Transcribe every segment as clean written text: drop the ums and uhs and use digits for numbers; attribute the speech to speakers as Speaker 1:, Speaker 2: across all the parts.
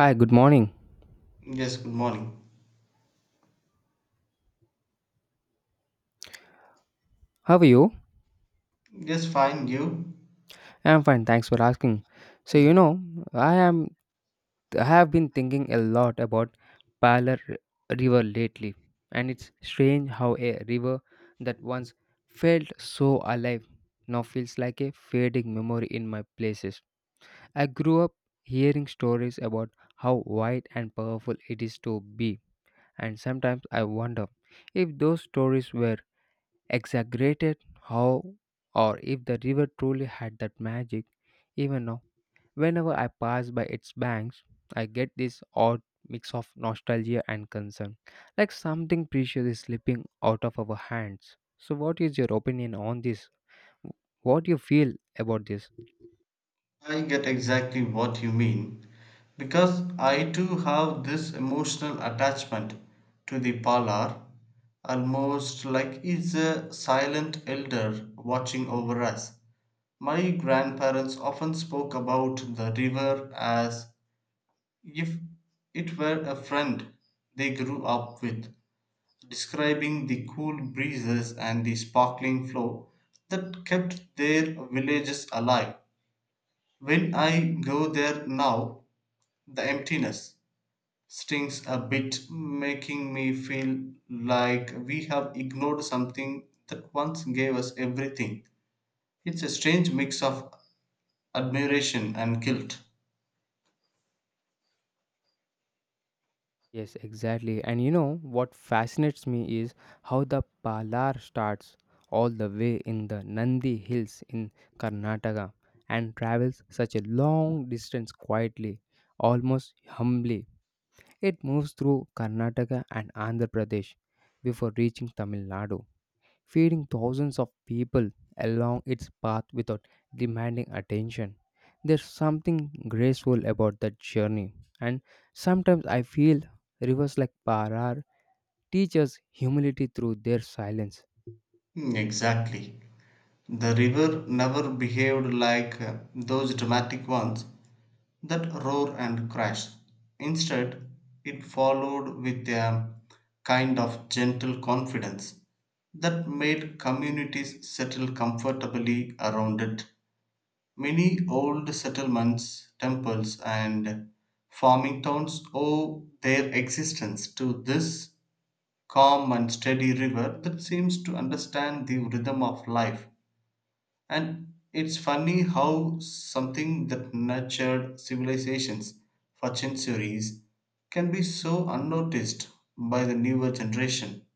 Speaker 1: Hi, good morning.
Speaker 2: Yes, good morning.
Speaker 1: How are you?
Speaker 2: Yes, fine, you?
Speaker 1: I'm fine, thanks for asking. So, you
Speaker 2: Good.
Speaker 1: know, I am I have been thinking a lot about Palar River lately, and it's strange how a river that once felt so alive now feels like a fading memory in my places. I grew up hearing stories about how wide and powerful it is to be, and sometimes I wonder if those stories were exaggerated how or if the river truly had that magic. Even now, whenever I pass by its banks, I get this odd mix of nostalgia and concern, like something precious is slipping out of our hands. So, what is your opinion on this? What do you feel about this?
Speaker 2: I get exactly what you mean because I too have this emotional attachment to the Palar, almost like it's a silent elder watching over us. My grandparents often spoke about the river as if it were a friend they grew up with, describing the cool breezes and the sparkling flow that kept their villages alive. When I go there now, the emptiness stings a bit, making me feel like we have ignored something that once gave us everything. It's a strange mix of admiration and guilt.
Speaker 1: Yes, exactly. And you know what fascinates me is how the Palar starts all the way in the Nandi Hills in Karnataka and travels such a long distance quietly, almost humbly. It moves through Karnataka and Andhra Pradesh before reaching Tamil Nadu feeding thousands of people along its path without demanding attention. There's something graceful about that journey, and sometimes I feel rivers like Parar teach us humility through their silence.
Speaker 2: Exactly. The river never behaved like those dramatic ones that roar and crash. Instead, it followed with a kind of gentle confidence that made communities settle comfortably around it. Many old settlements, temples, and farming towns owe their existence to this calm and steady river that seems to understand the rhythm of life, and it's funny how something that nurtured civilizations for centuries can be so unnoticed by the newer generation,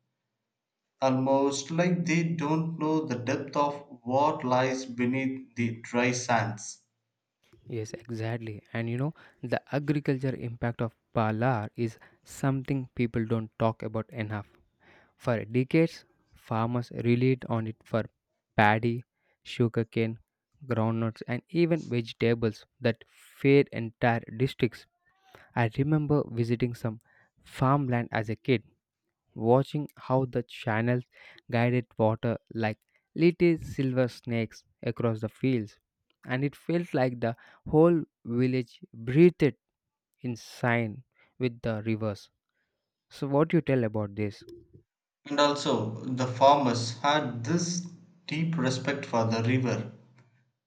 Speaker 2: almost like they don't know the depth of what lies beneath the dry sands.
Speaker 1: Yes, exactly. And you know, the agriculture impact of Palar is something people don't talk about enough. For decades, farmers relied on it for paddy, sugarcane, groundnuts, and even vegetables that fed entire districts. I remember visiting some farmland as a kid, watching how the channels guided water like little silver snakes across the fields, and it felt like the whole village breathed in sync with the rivers. So, what do you tell about this?
Speaker 2: And also, the farmers had this deep respect for the river,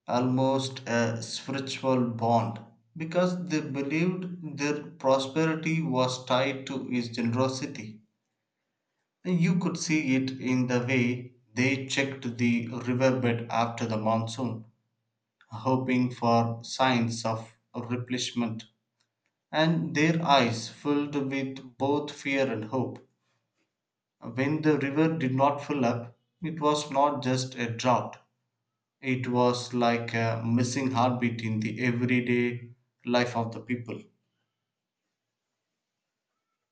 Speaker 2: almost a spiritual bond, because they believed their prosperity was tied to its generosity. You could see it in the way they checked the riverbed after the monsoon, hoping for signs of replenishment, and their eyes filled with both fear and hope. When the river did not fill up, it was not just a drought, it was like a missing heartbeat in the everyday life of the people.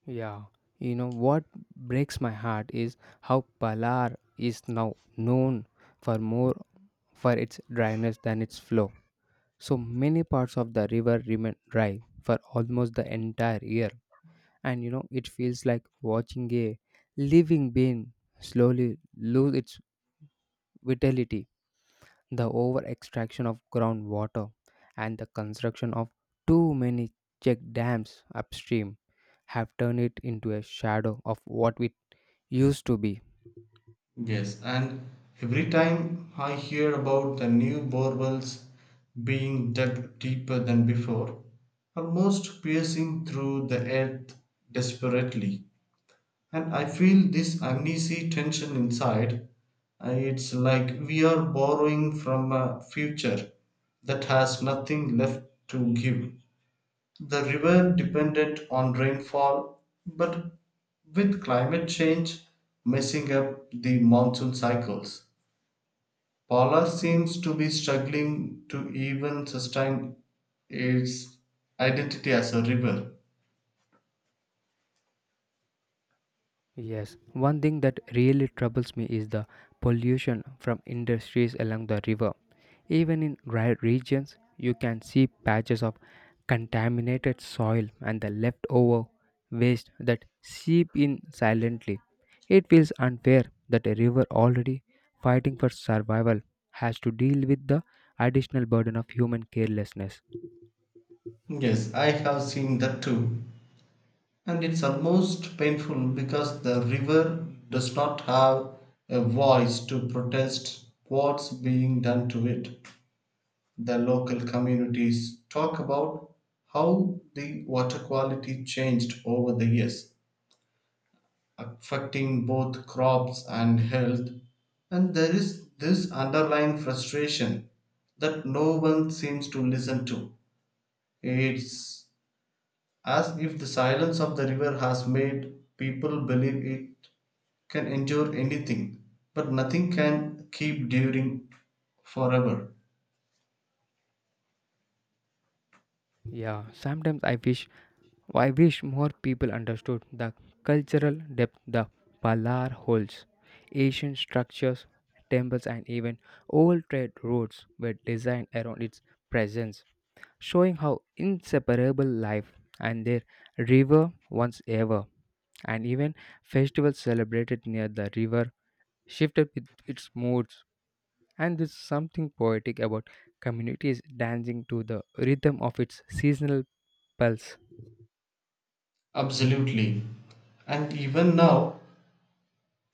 Speaker 1: Yeah, you know what breaks my heart is how Palar is now known for more for its dryness than its flow. So many parts of the river remain dry for almost the entire year, and you know it feels like watching a living being slowly lose its vitality. The over extraction of groundwater and the construction of too many check dams upstream have turned it into a shadow of what it used to be.
Speaker 2: Yes, and every time I hear about the new borewells being dug deeper than before, almost piercing through the earth desperately, and I feel this uneasy tension inside. It's like we are borrowing from a future that has nothing left to give. The river depended on rainfall, but with climate change messing up the monsoon cycles, Paula seems to be struggling to even sustain its identity as a river.
Speaker 1: Yes, one thing that really troubles me is the pollution from industries along the river. Even in dry regions, you can see patches of contaminated soil and the leftover waste that seep in silently. It feels unfair that a river already fighting for survival has to deal with the additional burden of human carelessness.
Speaker 2: Yes, I have seen that too. And it's almost painful because the river does not have a voice to protest what's being done to it. The local communities talk about how the water quality changed over the years, affecting both crops and health. And there is this underlying frustration that no one seems to listen to. It's as if the silence of the river has made people believe it can endure anything, but nothing can keep during forever.
Speaker 1: Yeah, sometimes I wish more people understood the cultural depth the Palar holds. Ancient structures, temples, and even old trade routes were designed around its presence, showing how inseparable life and their river once ever. And even festivals celebrated near the river shifted with its moods. And there's something poetic about communities dancing to the rhythm of its seasonal pulse.
Speaker 2: Absolutely. And even now,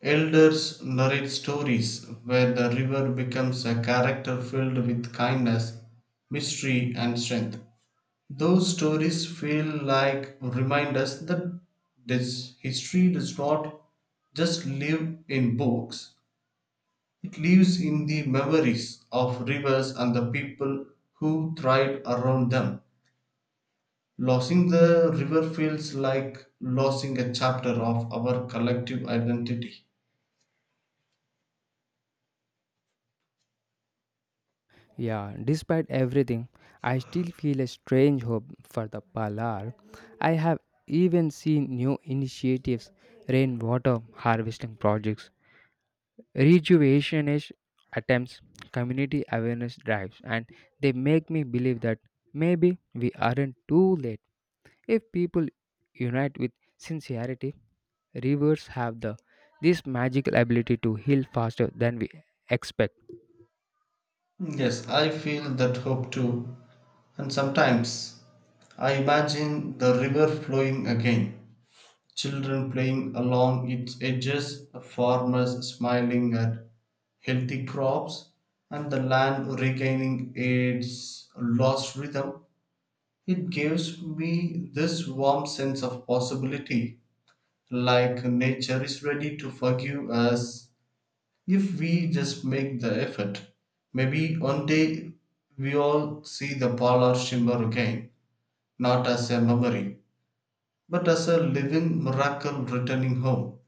Speaker 2: elders narrate stories where the river becomes a character filled with kindness, mystery, and strength. Those stories feel like remind us that this history does not just live in books. It lives in the memories of rivers and the people who thrived around them. Losing the river feels like losing a chapter of our collective identity.
Speaker 1: Yeah, despite everything, I still feel a strange hope for the Palar. I have even seen new initiatives, rainwater harvesting projects, rejuvenation attempts, community awareness drives, and they make me believe that maybe we aren't too late. If people unite with sincerity, rivers have the this magical ability to heal faster than we expect.
Speaker 2: Yes, I feel that hope too. And sometimes I imagine the river flowing again, children playing along its edges, farmers smiling at healthy crops, and the land regaining its lost rhythm. It gives me this warm sense of possibility, like nature is ready to forgive us if we just make the effort, maybe one day we all see the polar shimmer again, not as a memory, but as a living miracle returning home.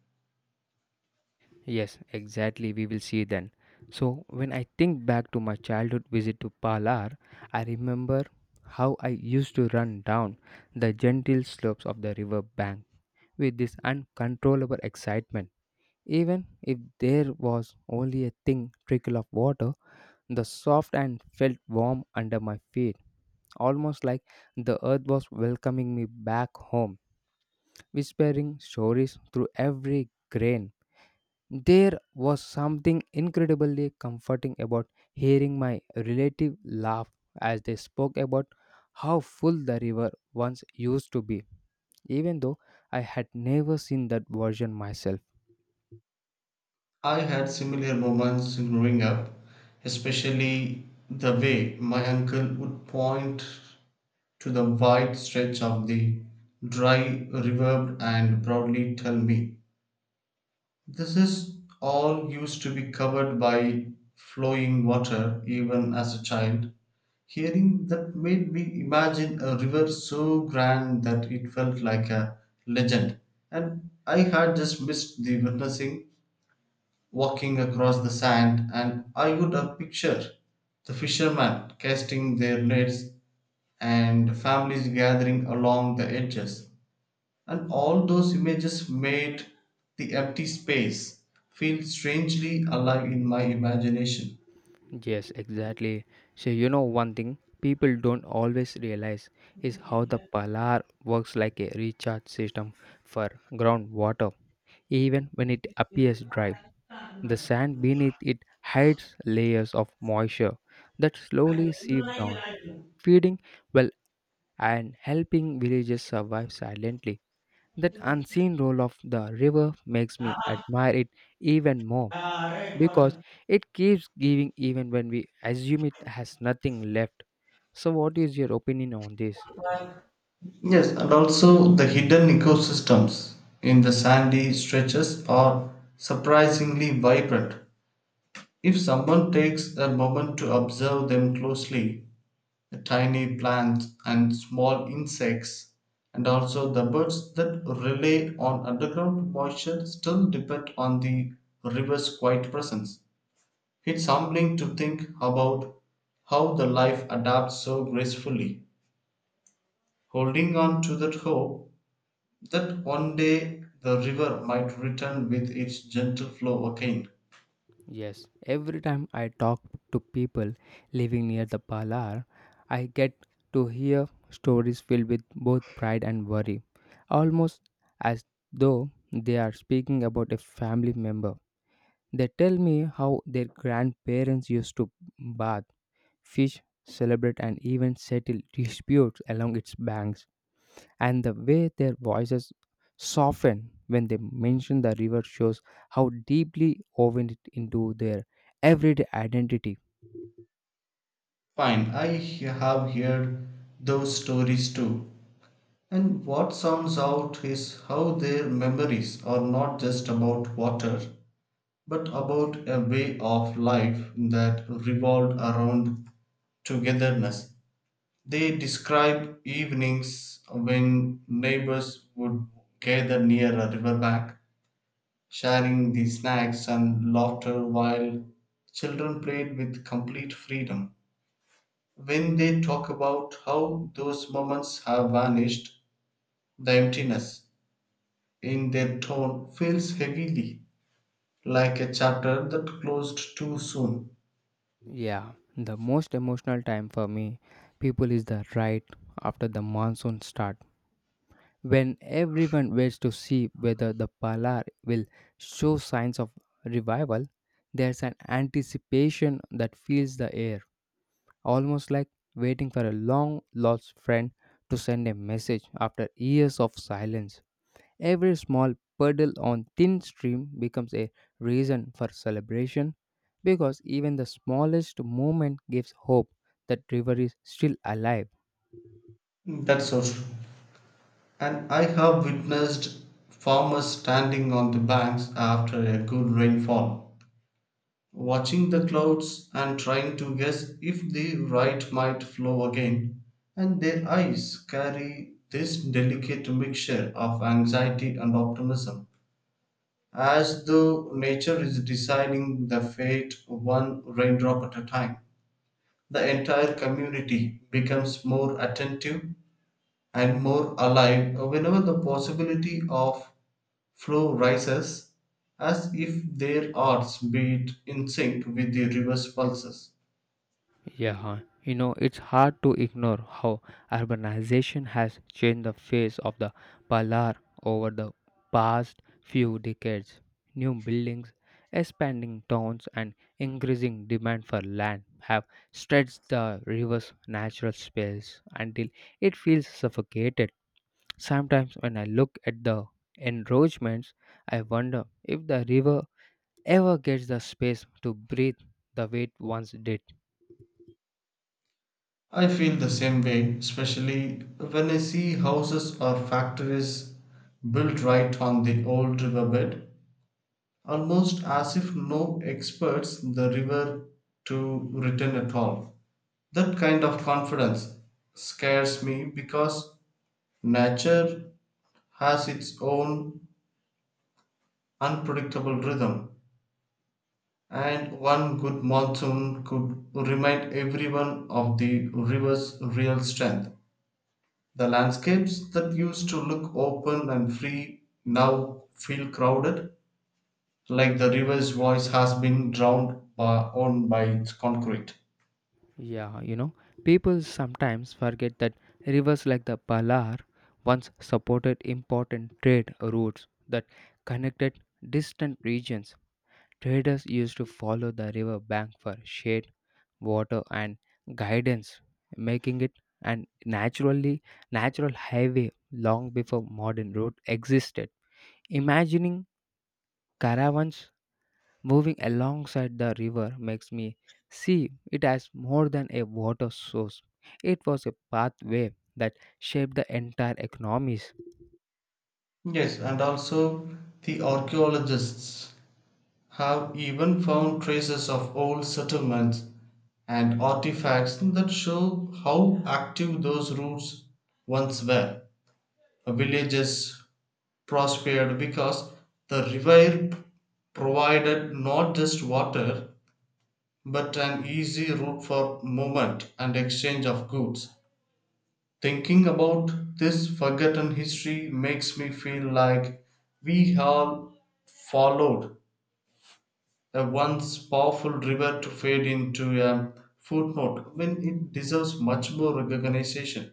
Speaker 1: Yes, exactly. We will see then. So, when I think back to my childhood visit to Palar, I remember how I used to run down the gentle slopes of the river bank with this uncontrollable excitement. Even if there was only a thin trickle of water, the soft and felt warm under my feet, almost like the earth was welcoming me back home, whispering stories through every grain. There was something incredibly comforting about hearing my relative laugh as they spoke about how full the river once used to be, even though I had never seen that version myself.
Speaker 2: I had similar moments in growing up, especially the way my uncle would point to the wide stretch of the dry river and proudly tell me, this is all used to be covered by flowing water even as a child. Hearing that made me imagine a river so grand that it felt like a legend, and I had just missed the witnessing walking across the sand, and I would have pictured the fishermen casting their nets and families gathering along the edges, and all those images made the empty space feel strangely alive in my imagination.
Speaker 1: Yes, exactly. So, you know, one thing people don't always realize is how the Palar works like a recharge system for groundwater, even when it appears dry. The sand beneath it hides layers of moisture that slowly seep down, feeding well and helping villages survive silently. That unseen role of the river makes me admire it even more because it keeps giving even when we assume it has nothing left. So, what is your opinion on this?
Speaker 2: Yes, and also the hidden ecosystems in the sandy stretches are surprisingly vibrant if someone takes a moment to observe them closely. Tiny plants and small insects and also the birds that rely on underground moisture still depend on the river's quiet presence. It's humbling to think about how the life adapts so gracefully, holding on to that hope that one day the river might return with its gentle flow again.
Speaker 1: Yes, every time I talk to people living near the Palar, I get to hear stories filled with both pride and worry, almost as though they are speaking about a family member. They tell me how their grandparents used to bath, fish, celebrate, and even settle disputes along its banks and the way their voices soften when they mention the river shows how deeply woven it into their everyday identity.
Speaker 2: Fine, have heard those stories too. And what stands out is how their memories are not just about water, but about a way of life that revolved around togetherness. They describe evenings when neighbors would gather near a riverbank, sharing the snacks and laughter while children played with complete freedom. When they talk about how those moments have vanished, the emptiness in their tone feels heavily like a chapter that closed too soon.
Speaker 1: Yeah, the most emotional time for me, people, is the right after the monsoon start, when everyone waits to see whether the Palar will show signs of revival. There's an anticipation that fills the air, almost like waiting for a long lost friend to send a message after years of silence. Every small puddle on thin stream becomes a reason for celebration because even the smallest movement gives hope that river is still alive.
Speaker 2: That's so true. And I have witnessed farmers standing on the banks after a good rainfall, watching the clouds and trying to guess if the right might flow again. And their eyes carry this delicate mixture of anxiety and optimism, as though nature is deciding the fate one raindrop at a time. The entire community becomes more attentive and more alive whenever the possibility of flow rises, as if their hearts beat in sync with the river's pulses.
Speaker 1: Yeah, you know, it's hard to ignore how urbanization has changed the face of the Palar over the past few decades. New buildings, expanding towns, and increasing demand for land have stretched the river's natural space until it feels suffocated. Sometimes, when I look at the encroachments, I wonder if the river ever gets the space to breathe the way it once did.
Speaker 2: I feel the same way, especially when I see houses or factories built right on the old riverbed, almost as if no experts the river to return at all. That kind of confidence scares me because nature has its own unpredictable rhythm, and one good monsoon could remind everyone of the river's real strength. The landscapes that used to look open and free now feel crowded, like the river's voice has been drowned by, on by its concrete.
Speaker 1: Yeah, you know, people sometimes forget that rivers like the Palar once supported important trade routes that connected distant regions. Traders used to follow the river bank for shade, water, and guidance, making it an naturally natural highway long before modern road existed. Imagining caravans moving alongside the river makes me see it as more than a water source. It was a pathway that shaped the entire economies.
Speaker 2: Yes, and also the archaeologists have even found traces of old settlements and artifacts that show how active those routes once were. Villages prospered because the provided not just water but an easy route for movement and exchange of goods. Thinking about this forgotten history makes me feel like we all followed a once powerful river to fade into a footnote when it deserves much more recognition.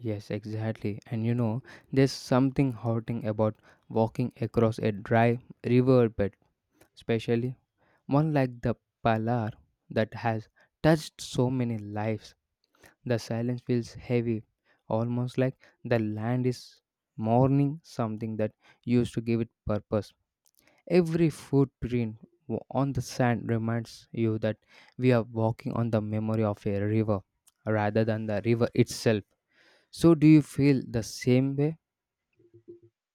Speaker 1: Yes, exactly. And you know, there's something haunting about walking across a dry riverbed, especially one like the Palar that has touched so many lives. The silence feels heavy, almost like the land is mourning something that used to give it purpose. Every footprint on the sand reminds you that we are walking on the memory of a river rather than the river itself. So, do you feel the same way?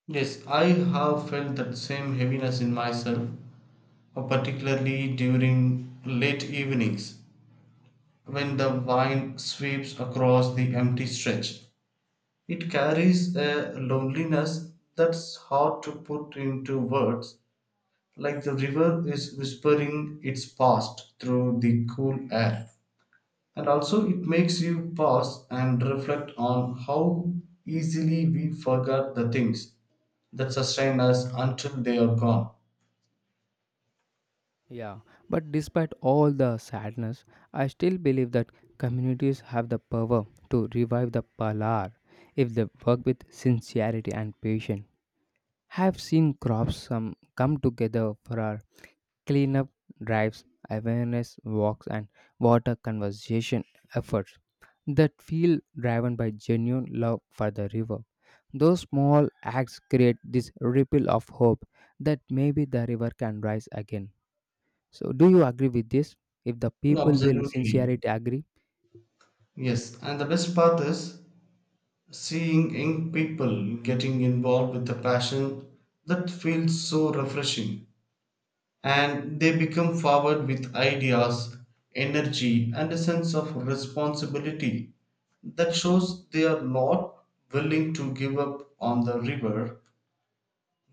Speaker 2: Yes, I have felt that same heaviness in myself, particularly during late evenings when the wind sweeps across the empty stretch. It carries a loneliness that's hard to put into words, like the river is whispering its past through the cool air, and also it makes you pause and reflect on how easily we forget the things that sustain us until they are gone.
Speaker 1: Yeah, but despite all the sadness, I still believe that communities have the power to revive the palar if they work with sincerity and patience. Have seen crops some come together for our cleanup drives, awareness walks, and water conservation efforts that feel driven by genuine love for the river. Those small acts create this ripple of hope that maybe the river can rise again. So, do you agree with this? If the people will sincerely
Speaker 2: Absolutely.
Speaker 1: agree?
Speaker 2: Yes, and the best part is seeing young people getting involved with a passion that feels so refreshing. And they become forward with ideas, energy, and a sense of responsibility that shows they are not willing to give up on the river.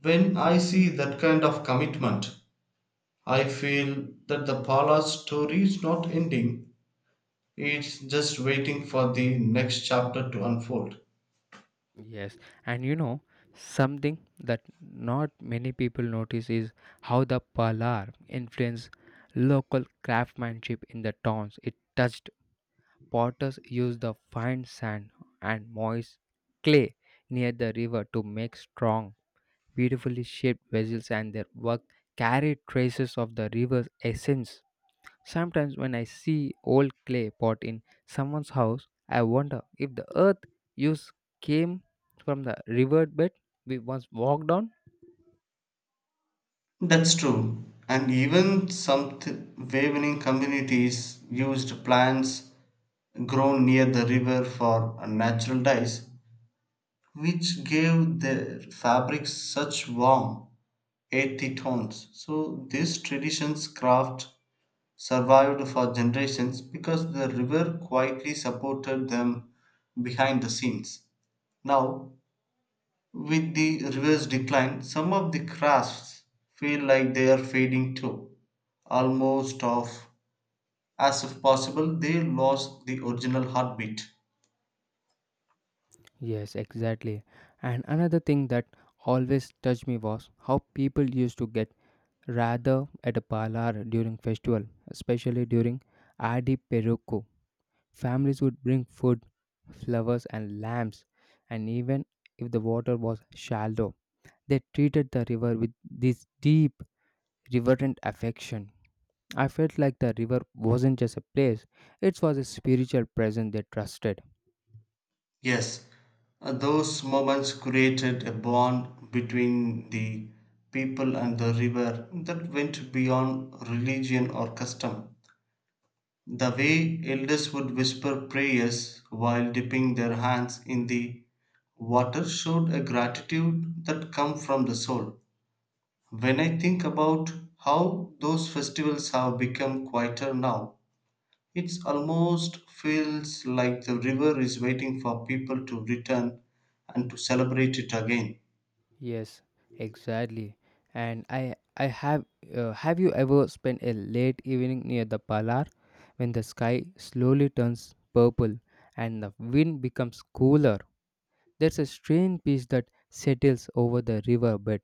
Speaker 2: When I see that kind of commitment, I feel that the Palace story is not ending, it's just waiting for the next chapter to unfold.
Speaker 1: Yes, and you know, something that not many people notice is how the Palar influenced local craftsmanship in the towns it touched. Potters used the fine sand and moist clay near the river to make strong beautifully shaped vessels and their work carried traces of the river's essence. Sometimes when I see old clay pot in someone's house, I wonder if the earth used came from the riverbed we once walked on.
Speaker 2: That's true. And even some wavering communities used plants grown near the river for natural dyes, which gave their fabrics such warm, earthy tones. So these traditions craft survived for generations because the river quietly supported them behind the scenes. Now, with the river's decline, some of the crafts feel like they are fading too, almost off. As if possible, they lost the original heartbeat.
Speaker 1: Yes, exactly. And another thing that always touched me was how people used to get rather at a palar during festival, especially during Adi Perukku. Families would bring food, flowers, and lamps, and even if the water was shallow, they treated the river with this deep, reverent affection. I felt like the river wasn't just a place, it was a spiritual presence they trusted.
Speaker 2: Yes, those moments created a bond between the people and the river that went beyond religion or custom. The way elders would whisper prayers while dipping their hands in the water showed a gratitude that come from the soul. When I think about how those festivals have become quieter now, it almost feels like the river is waiting for people to return and to celebrate it again.
Speaker 1: Yes, exactly. And I have, Have you ever spent a late evening near the Palar when the sky slowly turns purple and the wind becomes cooler? There's a strange peace that settles over the riverbed,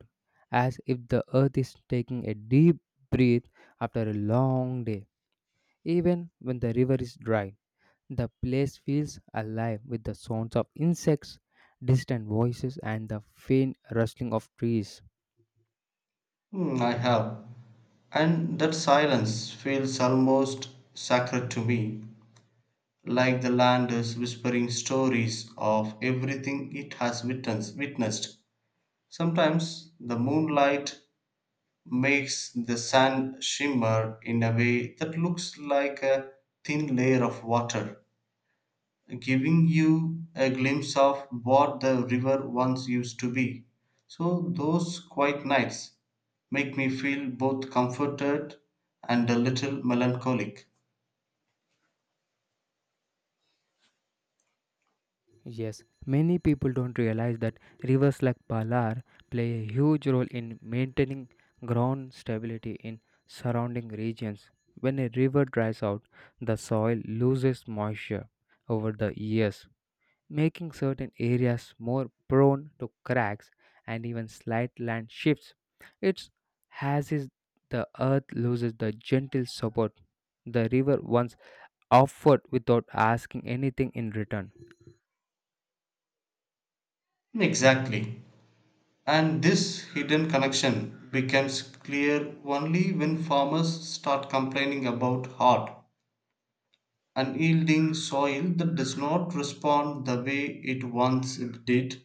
Speaker 1: as if the earth is taking a deep breath after a long day. Even when the river is dry, the place feels alive with the sounds of insects, distant voices, and the faint rustling of trees.
Speaker 2: Hmm, I have. And that silence feels almost sacred to me, like the land is whispering stories of everything it has witnessed. Sometimes the moonlight makes the sand shimmer in a way that looks like a thin layer of water, giving you a glimpse of what the river once used to be. So, those quiet nights make me feel both comforted and a little melancholic.
Speaker 1: Yes, many people don't realize that rivers like Palar play a huge role in maintaining ground stability in surrounding regions. When a river dries out, the soil loses moisture over the years, making certain areas more prone to cracks and even slight land shifts. It's as is the earth loses the gentle support the river once offered without asking anything in return.
Speaker 2: Exactly. And this hidden connection becomes clear only when farmers start complaining about hard, unyielding soil that does not respond the way it once did.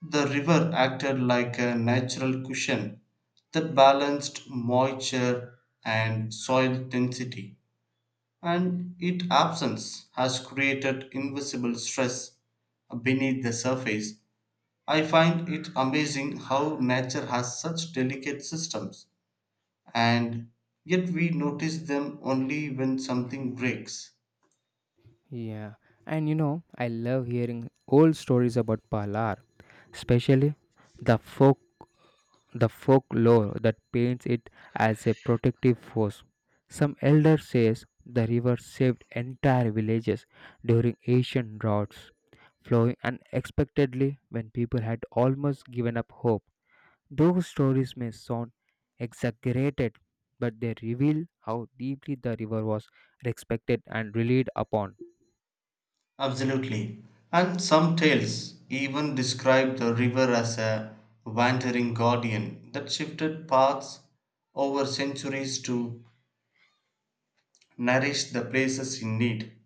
Speaker 2: The river acted like a natural cushion that balanced moisture and soil density, and its absence has created invisible stress beneath the surface. I find it amazing how nature has such delicate systems, and yet we notice them only when something breaks.
Speaker 1: Yeah, and you know, I love hearing old stories about Palar, especially the folk the folklore that paints it as a protective force. Some elder says the river saved entire villages during ancient droughts, flowing unexpectedly when people had almost given up hope. Those stories may sound exaggerated, but they reveal how deeply the river was respected and relied upon.
Speaker 2: Absolutely. And some tales even describe the river as a wandering guardian that shifted paths over centuries to nourish the places in need.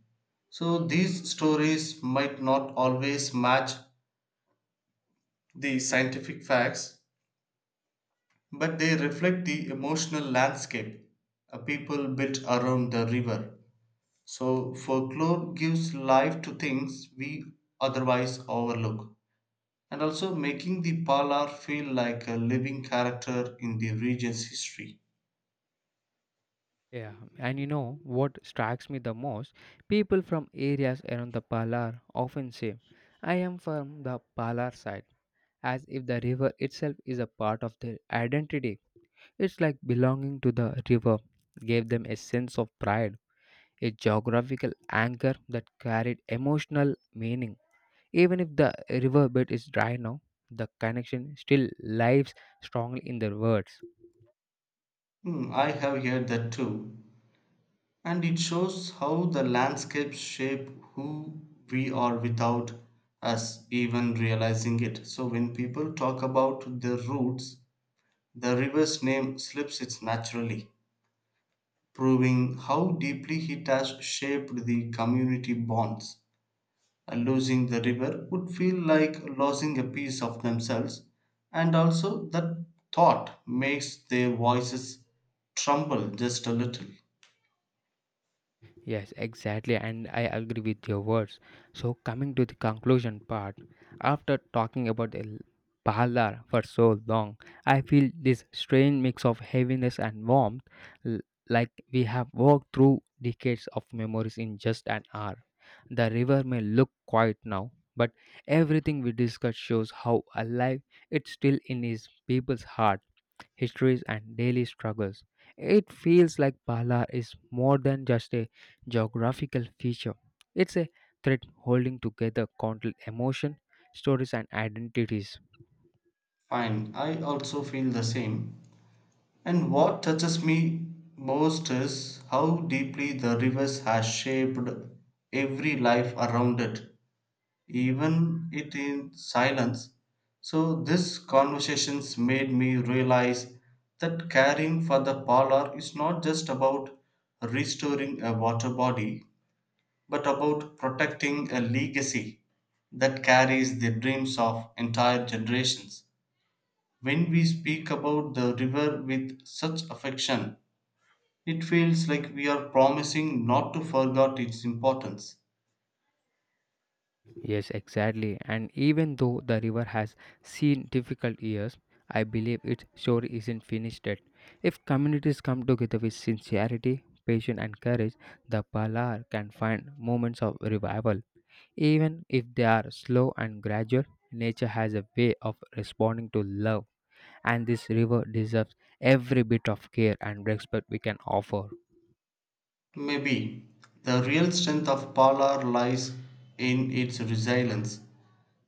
Speaker 2: So these stories might not always match the scientific facts, but they reflect the emotional landscape a people built around the river. So, folklore gives life to things we otherwise overlook, and also making the Palar feel like a living character in the region's history.
Speaker 1: Yeah, and you know what strikes me the most? People from areas around the Palar often say, I am from the Palar side, as if the river itself is a part of their identity. It's like belonging to the river gave them a sense of pride, a geographical anchor that carried emotional meaning. Even if the riverbed is dry now, the connection still lives strongly in their words.
Speaker 2: Hmm, I have heard that too, and it shows how the landscapes shape who we are without us even realizing it. So, when people talk about their roots, the river's name slips it naturally, proving how deeply it has shaped the community bonds. Losing the river would feel like losing a piece of themselves, and also that thought makes their voices tremble just a little.
Speaker 1: Yes, exactly, and I agree with your words. So, coming to the conclusion part, after talking about the Pahalar for so long, I feel this strange mix of heaviness and warmth, l- like we have walked through decades of memories in just an hour. The river may look quiet now, but everything we discussed shows how alive it still in is people's heart histories, and daily struggles. It feels like Pala is more than just a geographical feature, it's a thread holding together countless emotion, stories, and identities.
Speaker 2: Fine, I also feel the same. And what touches me most is how deeply the rivers has shaped every life around it, even it in silence. So these conversations made me realize that caring for the polar is not just about restoring a water body, but about protecting a legacy that carries the dreams of entire generations. When we speak about the river with such affection, it feels like we are promising not to forget its importance.
Speaker 1: Yes, exactly. And even though the river has seen difficult years, I believe its story isn't finished yet. If communities come together with sincerity, patience, and courage, the Palar can find moments of revival. Even if they are slow and gradual, nature has a way of responding to love, and this river deserves every bit of care and respect we can offer.
Speaker 2: Maybe the real strength of Polar lies in its resilience,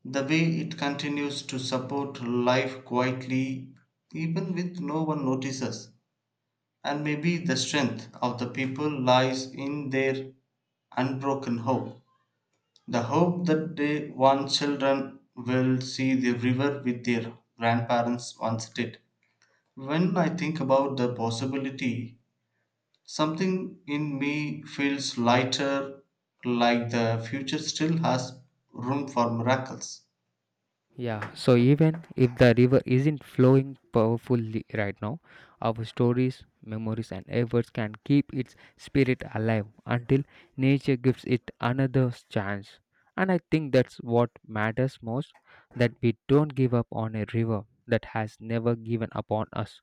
Speaker 2: the way it continues to support life quietly even when no one notices. And maybe the strength of the people lies in their unbroken hope. The hope that they, one children will see the river with their grandparents once did. When I think about the possibility, something in me feels lighter, like the future still has room for miracles.
Speaker 1: Yeah, so even if the river isn't flowing powerfully right now, our stories, memories, and efforts can keep its spirit alive until nature gives it another chance. And I think that's what matters most that we don't give up on a river that has never given up on us.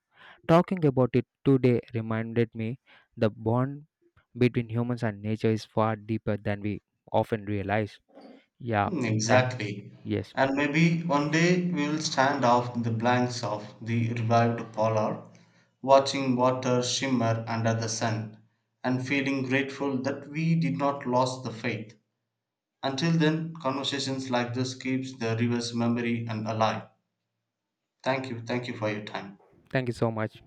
Speaker 1: Talking about it today reminded me the bond between humans and nature is far deeper than we often realize. Yeah, thank,
Speaker 2: Exactly.
Speaker 1: yes.
Speaker 2: And maybe one day we will stand off the blanks of the revived polar, watching water shimmer under the sun, and feeling grateful that we did not lose the faith. Until then, conversations like this keeps the river's memory and alive. Thank you. Thank you for your time.
Speaker 1: Thank you so much.